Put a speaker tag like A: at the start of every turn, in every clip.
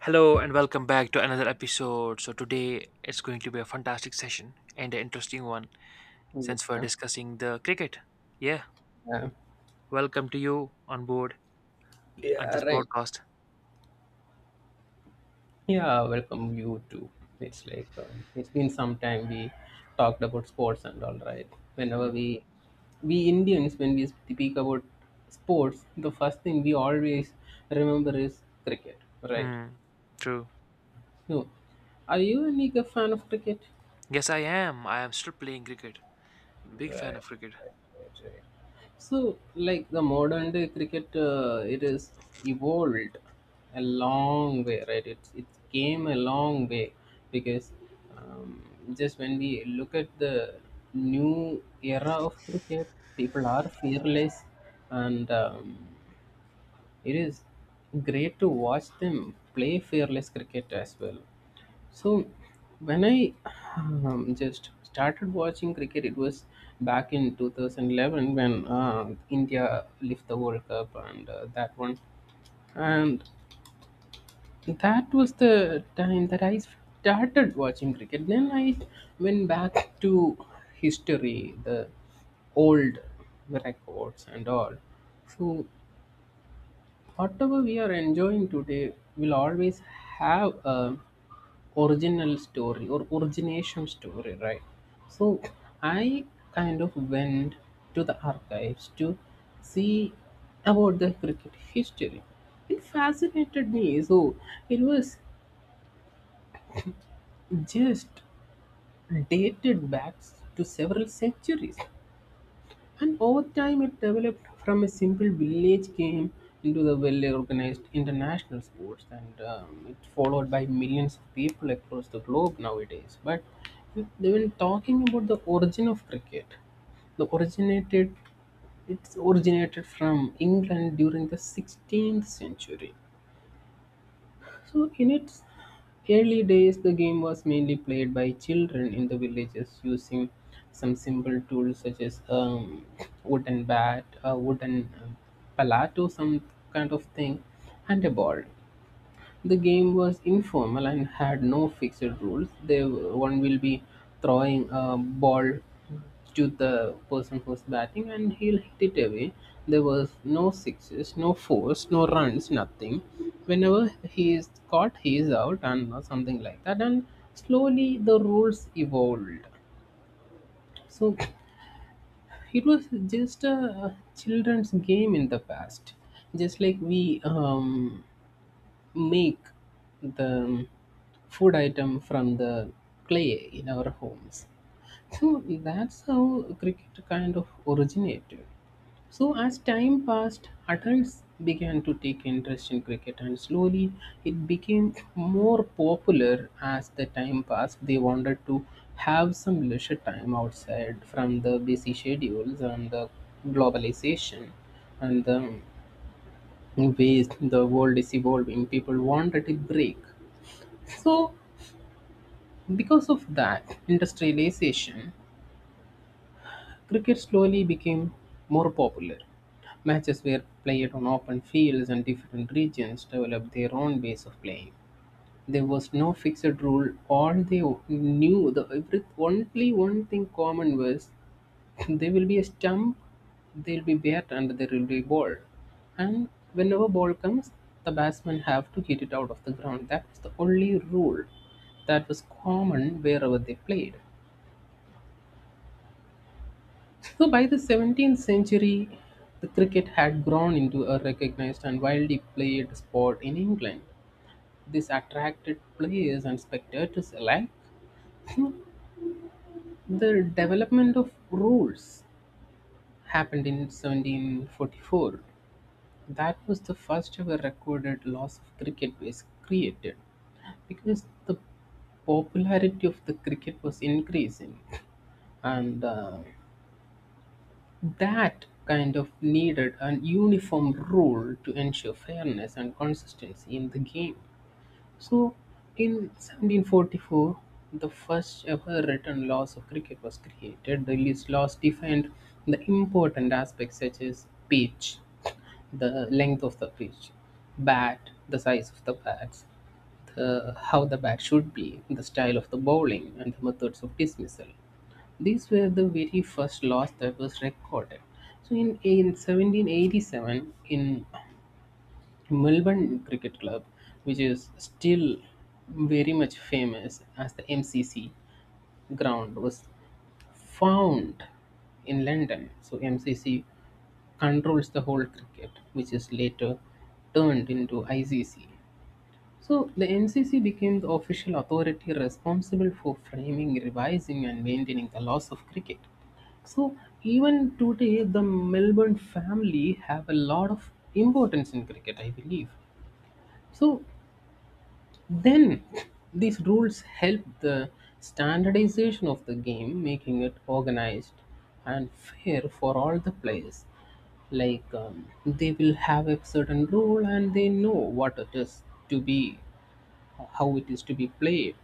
A: Hello and welcome back to another episode. So today it's going to be a fantastic session and an interesting one since we're
B: Yeah,
A: discussing the cricket. Yeah,
B: yeah,
A: welcome to you on board on
B: yeah,
A: this
B: right.
A: podcast.
B: Yeah, welcome you too. It's like it's been some time we talked about sports and all right. Whenever
A: Hmm.
B: we Indians when we speak about sports, the first thing we always remember is cricket, right?
A: Hmm. True.
B: No, are you a nigga fan of cricket?
A: Yes, I am. I am still playing cricket. A big fan
B: Right,
A: of cricket.
B: right, right, right. So, like the modern day cricket, it is evolved a long way, right? It came a long way because um, just when we look at the new era of cricket, people are fearless and it is great to watch them play fearless cricket as well. So when I just started watching cricket, it was back in 2011 when India lifted the World Cup and that one, and that was the time that I started watching cricket. Then I went back to history, the old records and all. So whatever we are enjoying today will always have a original story or origination story, right? So I kind of went to the archives to see about the cricket history. It fascinated me. So it was just dated back to several centuries. And over time, it developed from a simple village game into the well organized international sports, and it's followed by millions of people across the globe nowadays. But when talking about the origin of cricket, the originated it's originated from England during the 16th century. So, in its early days, the game was mainly played by children in the villages using some simple tools such as wooden bat, a wooden palette, or some kind of thing, and a ball. The game was informal and had no fixed rules. They one will be throwing a ball to the person who's batting, and he'll hit it away. There was no sixes, no fours, no runs, nothing. Whenever he is caught, he is out, and or something like that. And slowly the rules evolved. So it was just a children's game in the past, just like we make the food item from the clay in our homes. So that's how cricket kind of originated. So as time passed, adults began to take interest in cricket and slowly it became more popular as the time passed. They wanted to have some leisure time outside from the busy schedules and the globalization and the ways the world is evolving. People wanted a break so, because of that industrialization, cricket slowly became more popular. Matches were played on open fields and different regions developed their own ways of playing. There was no fixed rule. All they knew, the every, only one thing common was there will be a stump, there will be bat, and there will be ball. And whenever ball comes, the batsmen have to hit it out of the ground. That was the only rule that was common wherever they played. So by the 17th century, the cricket had grown into a recognized and widely played sport in England. This attracted players and spectators alike. The development of rules happened in 1744. That was the first ever recorded loss of cricket was created because the popularity of the cricket was increasing and that kind of needed an uniform rule to ensure fairness and consistency in the game. So, in 1744, the first ever written laws of cricket was created. These laws defined the important aspects such as pitch, the length of the pitch, bat, the size of the bats, the, how the bat should be, the style of the bowling, and the methods of dismissal. These were the very first laws that was recorded. So in 1787, in Melbourne Cricket Club, which is still very much famous as the MCC ground, was found in London. So MCC controls the whole cricket, which is later turned into ICC. So the MCC became the official authority responsible for framing, revising, and maintaining the laws of cricket. So even today, the Melbourne family have a lot of importance in cricket, I believe. So then these rules help the standardization of the game, making it organized and fair for all the players. Like they will have a certain rule and they know what it is to be how it is to be played.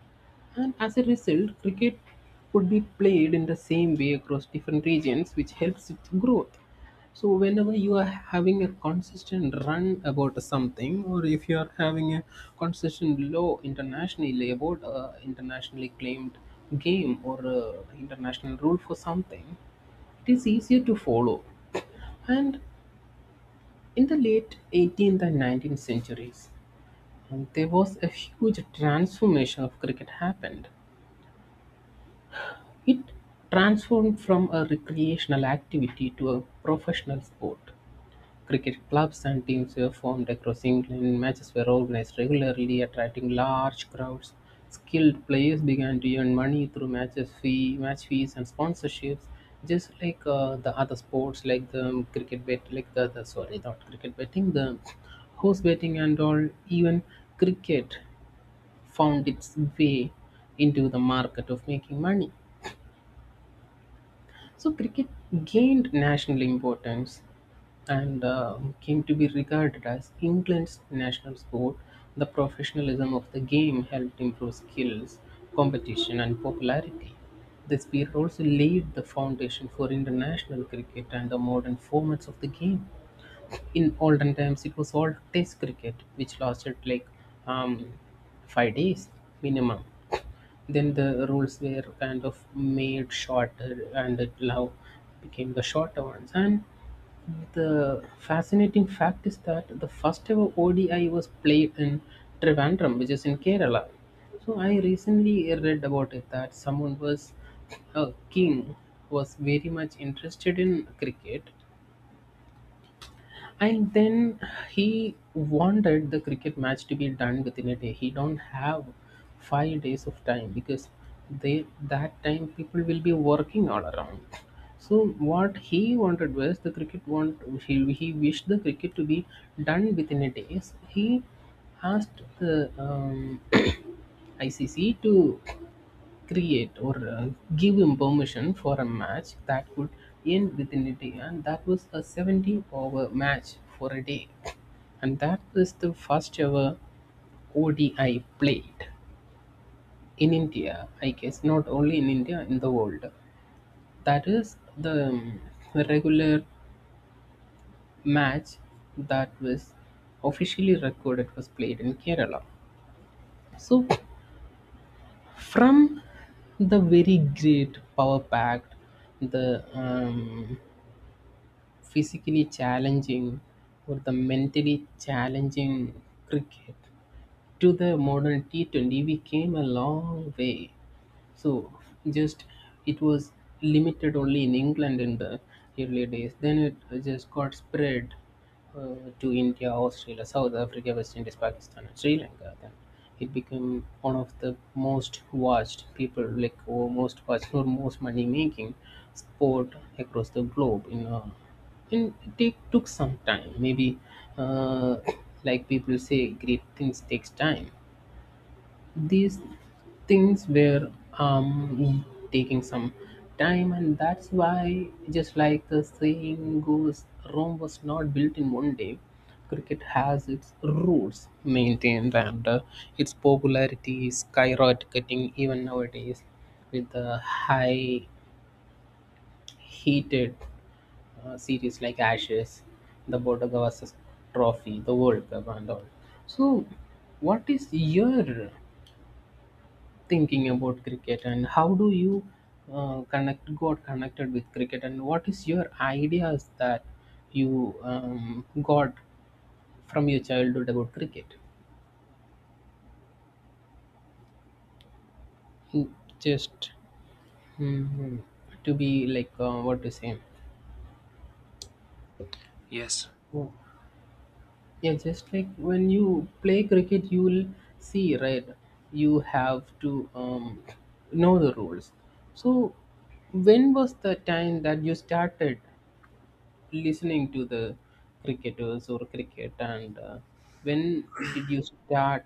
B: And as a result, cricket could be played in the same way across different regions, which helps its growth. So, whenever you are having a consistent run about something, or if you are having a consistent law internationally about a internationally claimed game or a international rule for something, it is easier to follow. And in the late 18th and 19th centuries, and there was a huge transformation of cricket happened. It transformed from a recreational activity to a professional sport. Cricket clubs and teams were formed across England. Matches were organized regularly, attracting large crowds. Skilled players began to earn money through matches fee, match fees, and sponsorships, just like the other sports, like the, cricket bet, like the sorry, not cricket betting, the horse betting and all. Even cricket found its way into the market of making money. So cricket gained national importance and came to be regarded as England's national sport. The professionalism of the game helped improve skills, competition, and popularity. This period also laid the foundation for international cricket and the modern formats of the game. In olden times it was all test cricket which lasted like um, 5 days minimum. Then the rules were kind of made shorter and it now became the shorter ones. And the fascinating fact is that the first ever ODI was played in Trivandrum, which is in Kerala. So I recently read about it that someone was a king was very much interested in cricket, and then he wanted the cricket match to be done within a day. He don't have 5 days of time because they that time people will be working all around. So what he wanted was the cricket want he wished the cricket to be done within a day. So he asked the ICC to create or give him permission for a match that could end within a day, and that was a 70 over match for a day. And that is the first ever ODI played in India, I guess, not only in India, in the world. That is the regular match that was officially recorded was played in Kerala. So, from the very great power packed, the physically challenging or the mentally challenging cricket to the modern T20, we came a long way. So just it was limited only in England in the early days. Then it just got spread uh, to India, Australia, South Africa, West Indies, Pakistan, and Sri Lanka. Then it became one of the most watched people like or most watched or most money making sport across the globe in and it took some time maybe, uh, like people say great things takes time. These things were um, taking some time, and that's why, just like the saying goes, Rome was not built in one day. Cricket has its roots maintained, and its popularity is skyrocketing even nowadays with the high heated series like Ashes, the Bodoga versus Trophy, the World Cup, and all. So, what is your thinking about cricket and how do you connect got connected with cricket and what is your ideas that you got from your childhood about cricket? Mm, just mm, to be like what to say.
A: Yes.
B: Oh, yeah, just like when you play cricket, you'll see, right? You have to know the rules. So, when was the time that you started listening to the cricketers or cricket and when did you start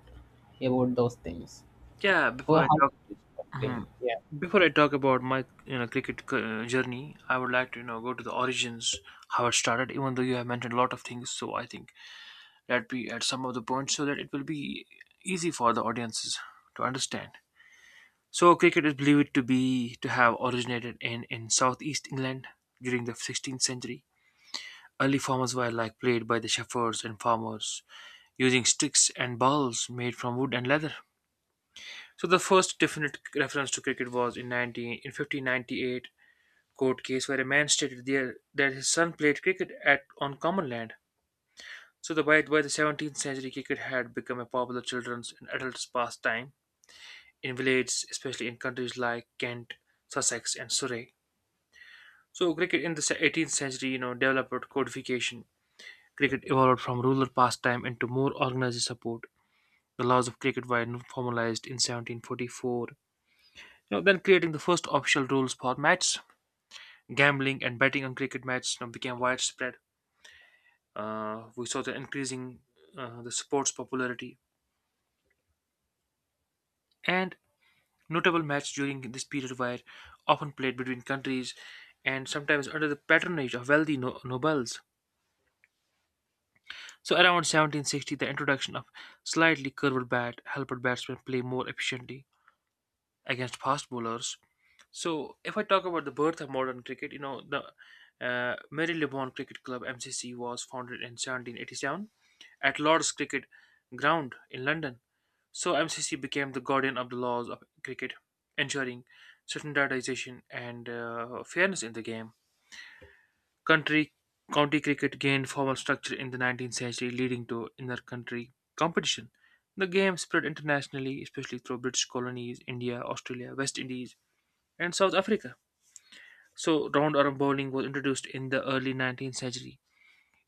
B: about those things
A: Yeah.
B: or how did you start
A: Mhm.
B: playing? Yeah,
A: Before I talk about my cricket journey, I would like to go to the origins, how it started. Even though you have mentioned a lot of things, so I think that we at some of the points so that it will be easy for the audiences to understand. So cricket is believed to have originated in southeast England during the 16th century. Early forms were like played by the shepherds and farmers using sticks and balls made from wood and leather. So the first definite reference to cricket was in 1598 court case where a man stated there that his son played cricket at on common land. So by the 17th century, cricket had become a popular children's and adults' pastime in villages, especially in countries like Kent, Sussex, and Surrey. So cricket in the 18th century, developed codification. Cricket evolved from rural pastime into more organized support. The laws of cricket were formalized in 1744. Then creating the first official rules for matches, gambling and betting on cricket matches became widespread. We saw the sport's popularity, and notable matches during this period were often played between countries and sometimes under the patronage of wealthy nobles. So, around 1760, the introduction of slightly curved bat helped batsmen play more efficiently against fast bowlers. So, if I talk about the birth of modern cricket, the Marylebone Cricket Club MCC was founded in 1787 at Lord's Cricket Ground in London. So MCC became the guardian of the laws of cricket, ensuring standardization and fairness in the game. Country county cricket gained formal structure in the 19th century, leading to inter-country competition. The game spread internationally, especially through British colonies, India, Australia, West Indies, and South Africa. So round-arm bowling was introduced in the early 19th century,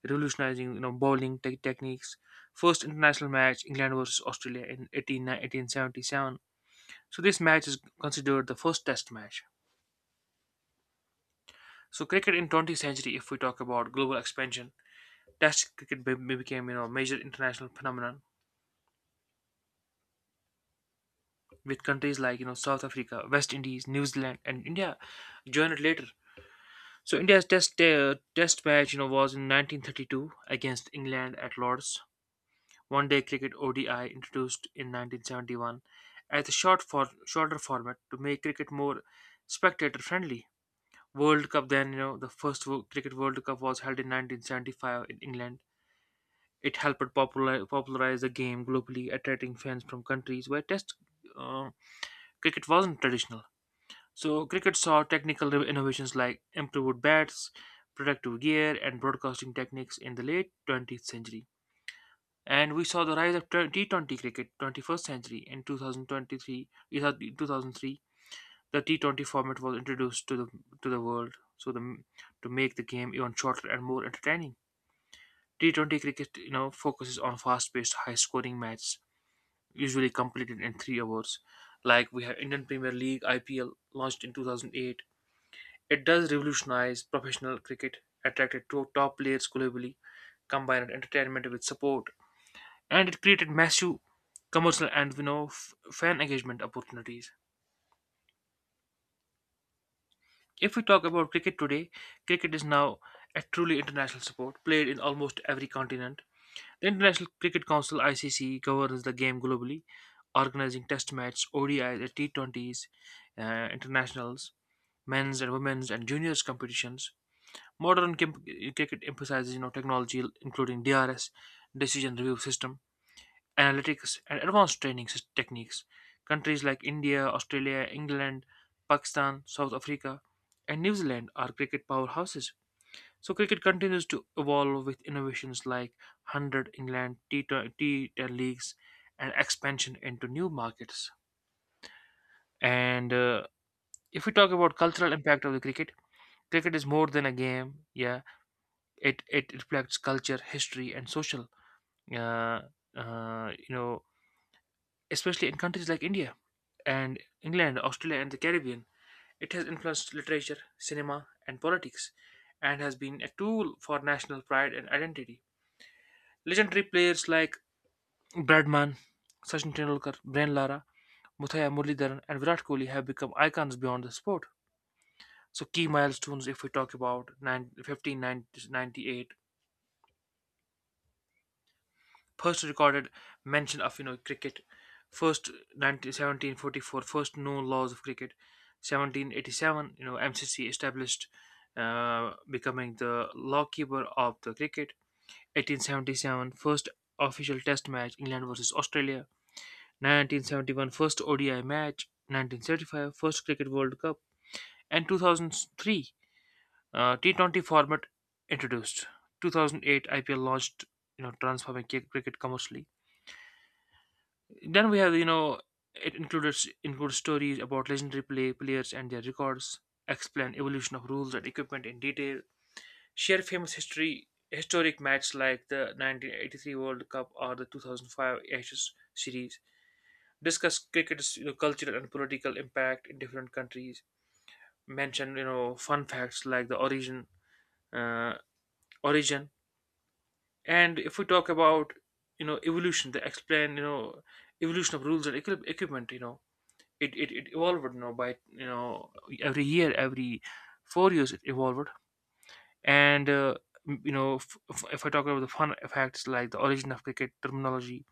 A: revolutionizing bowling techniques. First international match, England versus Australia 1877. So this match is considered the first test match. So cricket in 20th century, if we talk about global expansion, test cricket became major international phenomenon with countries like South Africa, West Indies, New Zealand, and India joined it later. So India's test match was in 1932 against England at Lords. One day cricket ODI introduced in 1971 as a short for shorter format to make cricket more spectator friendly. World Cup then, the first Cricket World Cup was held in 1975 in England. It helped popularize the game globally, attracting fans from countries where Test uh, cricket wasn't traditional. So, cricket saw technical innovations like improved bats, protective gear, and broadcasting techniques in the late 20th century. And we saw the rise of T20 cricket, 21st century, 2003. The T20 format was introduced to the world, so the to make the game even shorter and more entertaining. T20 cricket, focuses on fast-paced, high-scoring matches usually completed in 3 hours. Like we have Indian Premier League IPL launched in 2008. It does revolutionize professional cricket, attracted to top players globally, combined entertainment with support, and it created massive commercial and fan engagement opportunities. If we talk about cricket today, cricket is now a truly international sport played in almost every continent. The International Cricket Council (ICC) governs the game globally, organizing test matches, ODIs, and T20s, internationals, men's and women's and juniors competitions. Modern cricket emphasizes technology including DRS, decision review system, analytics, and advanced training techniques. Countries like India, Australia, England, Pakistan, South Africa, and New Zealand are cricket powerhouses. So, cricket continues to evolve with innovations like 100 England T10 leagues and expansion into new markets. And if we talk about cultural impact of the cricket, cricket is more than a game. Yeah, it reflects culture, history, and social. Uh, uh, you know, especially in countries like India, and England, Australia, and the Caribbean. It has influenced literature, cinema, and politics, and has been a tool for national pride and identity. Legendary players like Bradman, Sachin Tendulkar, Brian Lara, Muthiah Muralidharan, and Virat Kohli have become icons beyond the sport. So, key milestones if we talk about 1598, first recorded mention of cricket; first forty four first 1744, known laws of cricket; 1787, MCC established, becoming the lawkeeper of the cricket; 1877, first official test match, England versus Australia; 1971, first ODI match; 1975, Cricket World Cup; and 2003, T20 format introduced; 2008, IPL launched, transforming cricket commercially. Then we have it includes stories about legendary players and their records, explain evolution of rules and equipment in detail, share famous history historic matches like the 1983 World Cup or the 2005 Ashes series, discuss cricket's cultural and political impact in different countries, mention fun facts like the uh, origin, and if we talk about evolution, they explain evolution of rules and equipment. It evolved by every 4 years it evolved. And if I talk about the fun effects like the origin of cricket terminology,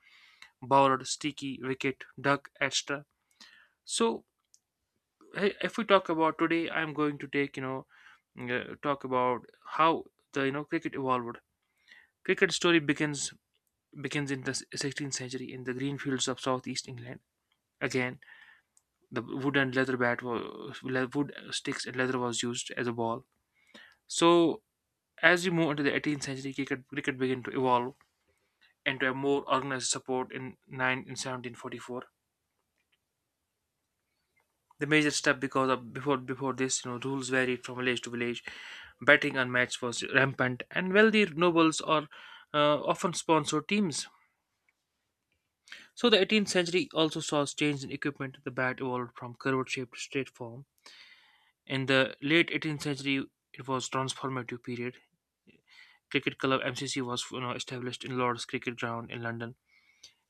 A: bowler, sticky wicket, duck, etc. So if we talk about today, I'm going to take you know talk about how the cricket evolved. Cricket story begins in the 16th century in the green fields of southeast England. Again, the wood and leather bat was wood sticks and leather was used as a ball. So, as we move into the 18th century, cricket began to evolve into a more organized support in 9 in 1744. The major step because of before this, rules varied from village to village. Betting on match was rampant, and wealthy nobles or often sponsored teams. So the 18th century also saw change in equipment. The bat evolved from curved-shaped to straight form. In the late 18th century, it was transformative period. Cricket club MCC was, established in Lord's Cricket Ground in London,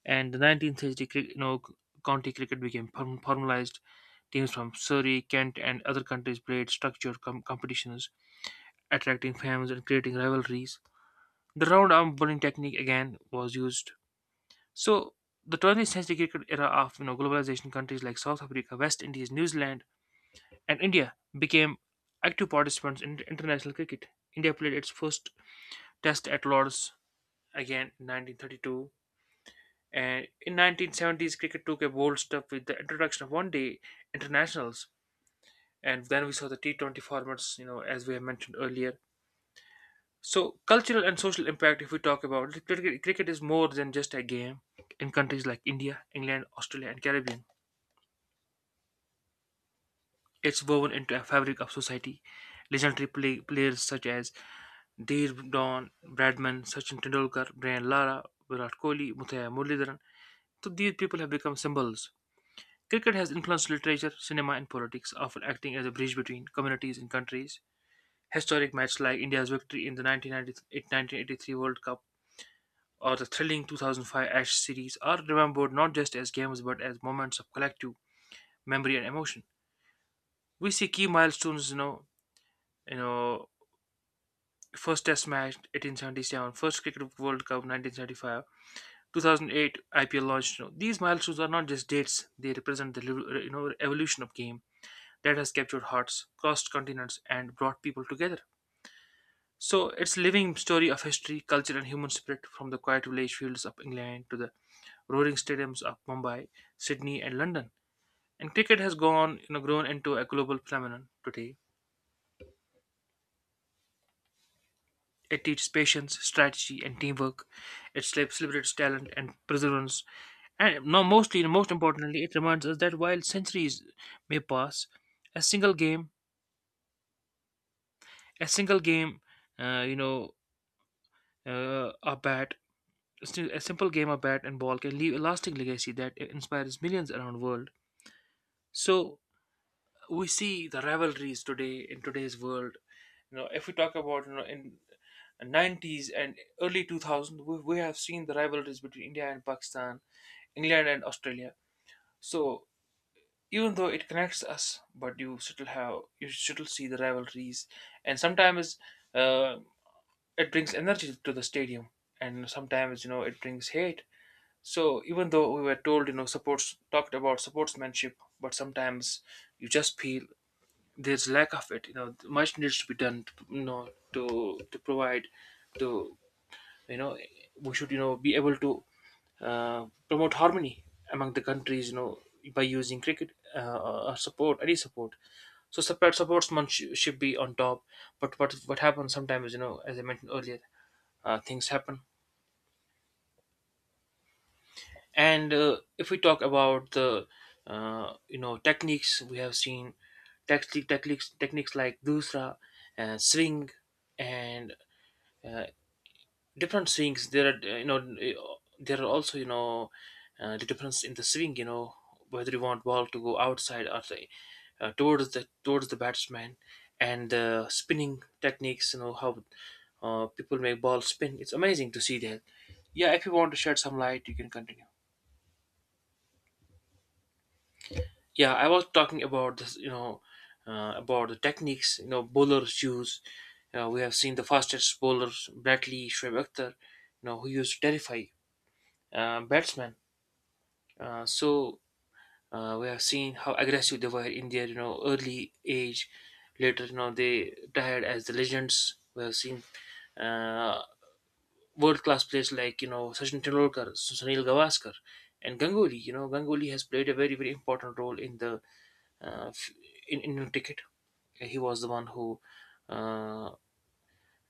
A: and the 19th century cricket, county cricket became formalized. Teams from Surrey, Kent, and other countries played structured competitions, attracting fans and creating rivalries. The round arm bowling technique again was used. So the 20th century cricket era of globalization, countries like South Africa, West Indies, New Zealand, and India became active participants in international cricket. India played its first test at Lords again in 1932. And in 1970s, cricket took a bold step with the introduction of one-day internationals, and then we saw the T20 formats, as we have mentioned earlier. So, cultural and social impact, if we talk about it, cricket is more than just a game. In countries like India, England, Australia, and Caribbean, it's woven into a fabric of society. Legendary players such as Deer Don, Bradman, Sachin Tendulkar, Brian Lara, Virat Kohli, Muthaya Muralidharan. So these people have become symbols. Cricket has influenced literature, cinema, and politics, often acting as a bridge between communities and countries. Historic matches like India's victory in the 1983 World Cup or the thrilling 2005 Ash series are remembered not just as games but as moments of collective memory and emotion. We see key milestones, you know, first Test match 1877, first Cricket World Cup 1975, 2008 IPL launch. These milestones are not just dates; they represent the evolution of game that has captured hearts, crossed continents, and brought people together. So it's a living story of history, culture, and human spirit from the quiet village fields of England to the roaring stadiums of Mumbai, Sydney, and London. And cricket has grown into a global phenomenon today. It teaches patience, strategy, and teamwork. It celebrates talent and perseverance. And now, most importantly, it reminds us that while centuries may pass, a single game, a single game, you know, a bat Still, a simple game of bat and ball can leave a lasting legacy that inspires millions around the world. So we see the rivalries today in today's world. If we talk about in 90s and early 2000s, we have seen the rivalries between India and Pakistan, England and Australia. So even though it connects us, but you still have you still see the rivalries, and sometimes uh, it brings energy to the stadium, and sometimes it brings hate. So even though we were told, you know, supports talked about sportsmanship, but sometimes you just feel there's lack of it. You know, much needs to be done. To, you know, to provide, to you know, We should, you know, be able to promote harmony among the countries. You know, by using cricket, or support, any support. So supportsman should be on top. But what happens sometimes, you know, as I mentioned earlier, things happen. And if we talk about the you know, techniques, we have seen techniques like dusra and swing, and uh, different swings there are, there are also, you know, the difference in the swing, you know, whether you want ball to go outside or say, towards the batsman, and the spinning techniques, you know, how people make ball spin. It's amazing to see that. Yeah, if you want to shed some light you can continue. Yeah, I was talking about this, you know, about the techniques, you know, bowlers use. You know, we have seen the fastest bowlers bradley Shoaib Akhtar, you know, who used to terrify batsmen. So we have seen how aggressive they were in their, you know, early age. Later, you know, they retired as the legends. We have seen uh, world-class players like, you know, Sachin Tendulkar, Sunil Gavaskar, and Ganguly. You know, Ganguly has played a very important role in the, uh, in Indian cricket. He was the one who, uh,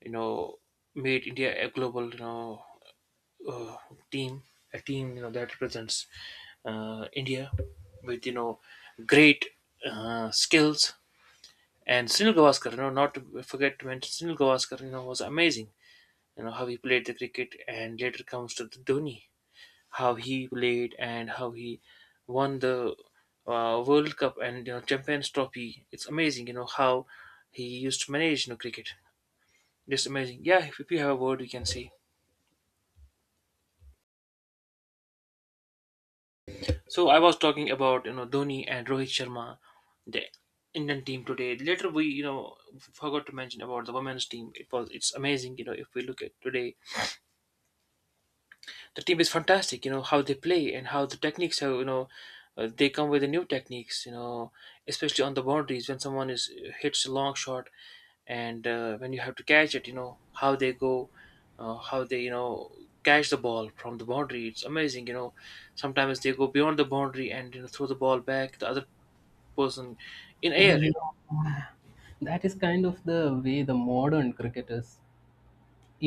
A: you know, made India a global, uh, team, a team, you know, that represents India with, you know, great skills. And Sunil Gavaskar, you know, not to forget to mention Sunil Gavaskar, you know, was amazing. You know how he played the cricket, and later comes to the Dhoni, how he played and how he won the World Cup and, you know, Champions Trophy. It's amazing, you know, how he used to manage, you know, cricket. Just amazing. Yeah, if you have a word, we can say. So I was talking about, you know, Dhoni and Rohit Sharma, the Indian team today. Later, we, you know, forgot to mention about the women's team. It's amazing. You know, if we look at today, the team is fantastic. You know how they play and how the techniques are. You know, they come with the new techniques. You know, especially on the boundaries, when someone is hits a long shot, and when you have to catch it. You know how they go, how they, you know, catch the ball from the boundary. It's amazing. You know, sometimes they go beyond the boundary and, you know, throw the ball back the other person in air. You know?
B: yeah, that is kind of the way the modern cricketers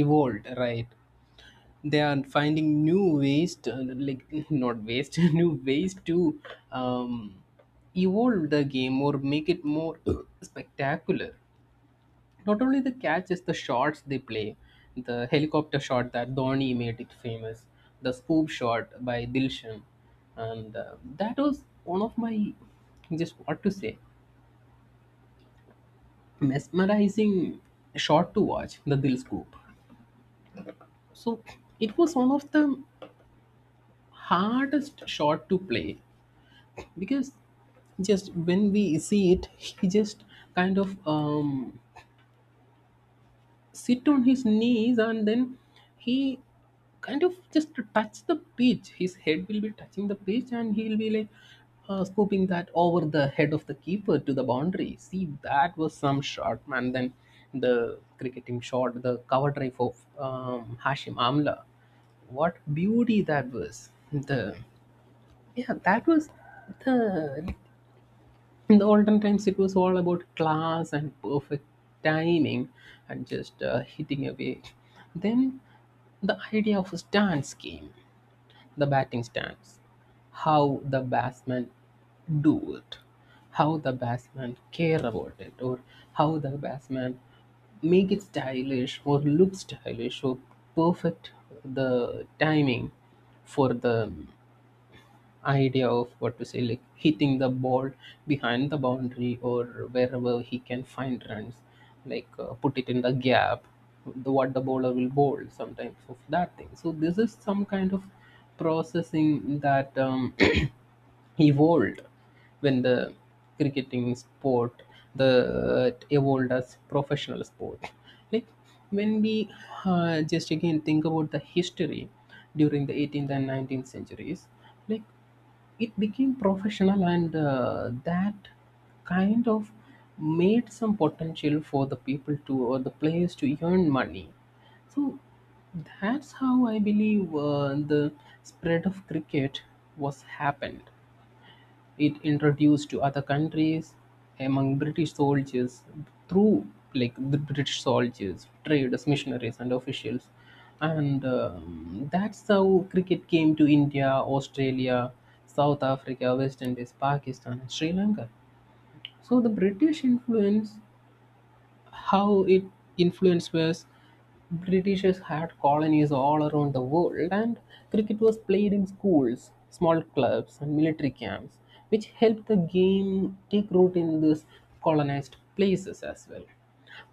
B: evolved, right? They are finding new ways to, like not ways new ways to um, evolve the game or make it more spectacular. Not only the catch is the shots they play, the helicopter shot that Dhoni made it famous, the scoop shot by Dilshan. And that was one of my just what to say mesmerizing shot to watch, the Dil scoop. So it was one of the hardest shot to play because just when we see it he just kind of sit on his knees and then he kind of just touch the pitch, his head will be touching the pitch and he'll be like scooping that over the head of the keeper to the boundary. See, that was some shot, man. Then the cricketing shot, the cover drive of Hashim Amla, what beauty that was, the yeah, that was the in the olden times, it was all about class and perfect timing and just hitting away. Then the idea of a stance came, the batting stance, how the batsman do it, how the batsman care about it, or how the batsman make it stylish or look stylish or perfect the timing for the idea of what to say, like hitting the ball behind the boundary or wherever he can find runs, like put it in the gap, the what the bowler will bowl sometimes of that thing. So this is some kind of processing that evolved when the cricketing sport the evolved as professional sport, like when we just again think about the history during the 18th and 19th centuries. Like it became professional, and that kind of made some potential for the people to, or the players to, earn money. So that's how I believe, the spread of cricket was happened. It introduced to other countries among British soldiers through, like, the British soldiers, traders, missionaries, and officials. And that's how cricket came to India, Australia, South Africa, West Indies, Pakistan, and Sri Lanka. So the British influence, how it influenced was, Britishers had colonies all around the world, and cricket was played in schools, small clubs, and military camps, which helped the game take root in these colonized places as well.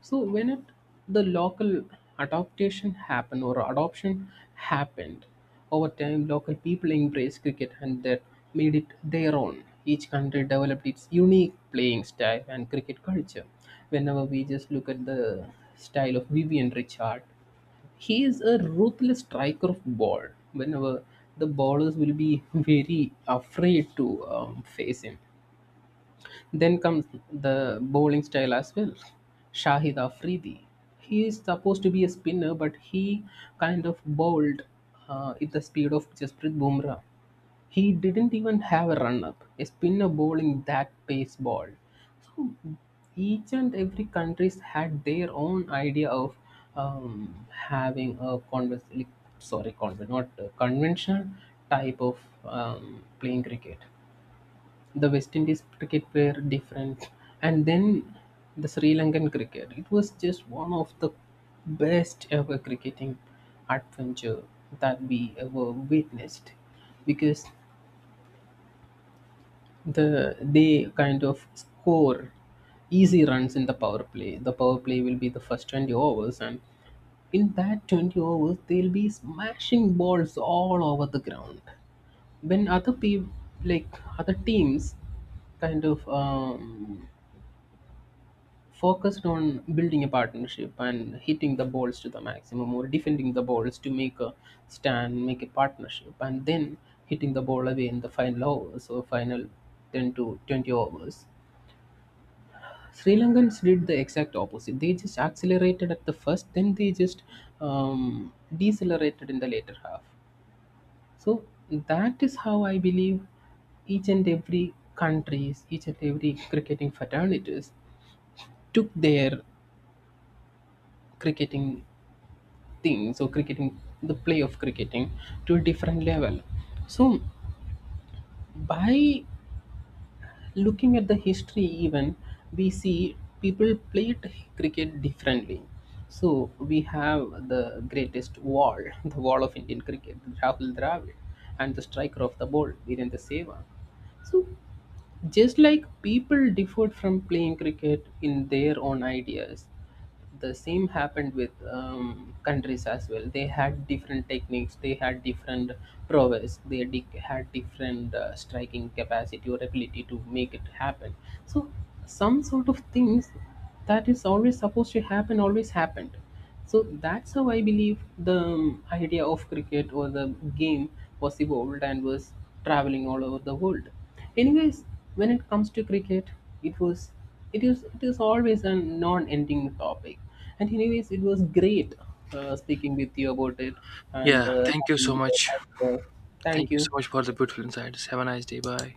B: So when it, the local adaptation happened or adoption happened, over time local people embraced cricket and that made it their own. Each country developed its unique playing style and cricket culture. Whenever we just look at the style of Vivian Richard, he is a ruthless striker of ball. Whenever the ballers will be very afraid to face him, then comes the bowling style as well. Shahid Afridi. He is supposed to be a spinner, but he kind of bowled at the speed of Jasprit Bumrah. He didn't even have a run up. A spinner bowling that pace ball. So each and every countries had their own idea of having a sorry, conven- not conventional type of playing cricket, the West Indies cricket player different, and then the Sri Lankan cricket. It was just one of the best ever cricketing adventure that we ever witnessed, because they kind of score easy runs in the power play. The power play will be the first 20 overs, and in that 20 overs they'll be smashing balls all over the ground, when other people, like other teams, kind of focused on building a partnership and hitting the balls to the maximum or defending the balls to make a stand, make a partnership, and then hitting the ball away in the final overs or final 10 to 20 overs. Sri Lankans did the exact opposite. They just accelerated at the first, then they just um, decelerated in the later half. So that is how I believe each and every countries, each and every cricketing fraternities took their cricketing things or cricketing, the play of cricketing, to a different level. So by looking at the history even, we see people played cricket differently. So we have the greatest wall, the wall of Indian cricket, Rahul Dravid, and the striker of the ball, Virendra Sehwag. So, just like people differed from playing cricket in their own ideas, the same happened with countries as well. They had different techniques, they had different prowess, they had different striking capacity or ability to make it happen. So, some sort of things that is always supposed to happen always happened. So, that's how I believe the idea of cricket or the game was evolved and was traveling all over the world. Anyways, when it comes to cricket, it was, it is always a non-ending topic. And anyways, it was great speaking with you about it and
A: Yeah. Thank you so
B: having your
A: much.
B: ideas. Thank
A: Thank you so
B: you.
A: much for the beautiful insights. Have a nice day. Bye.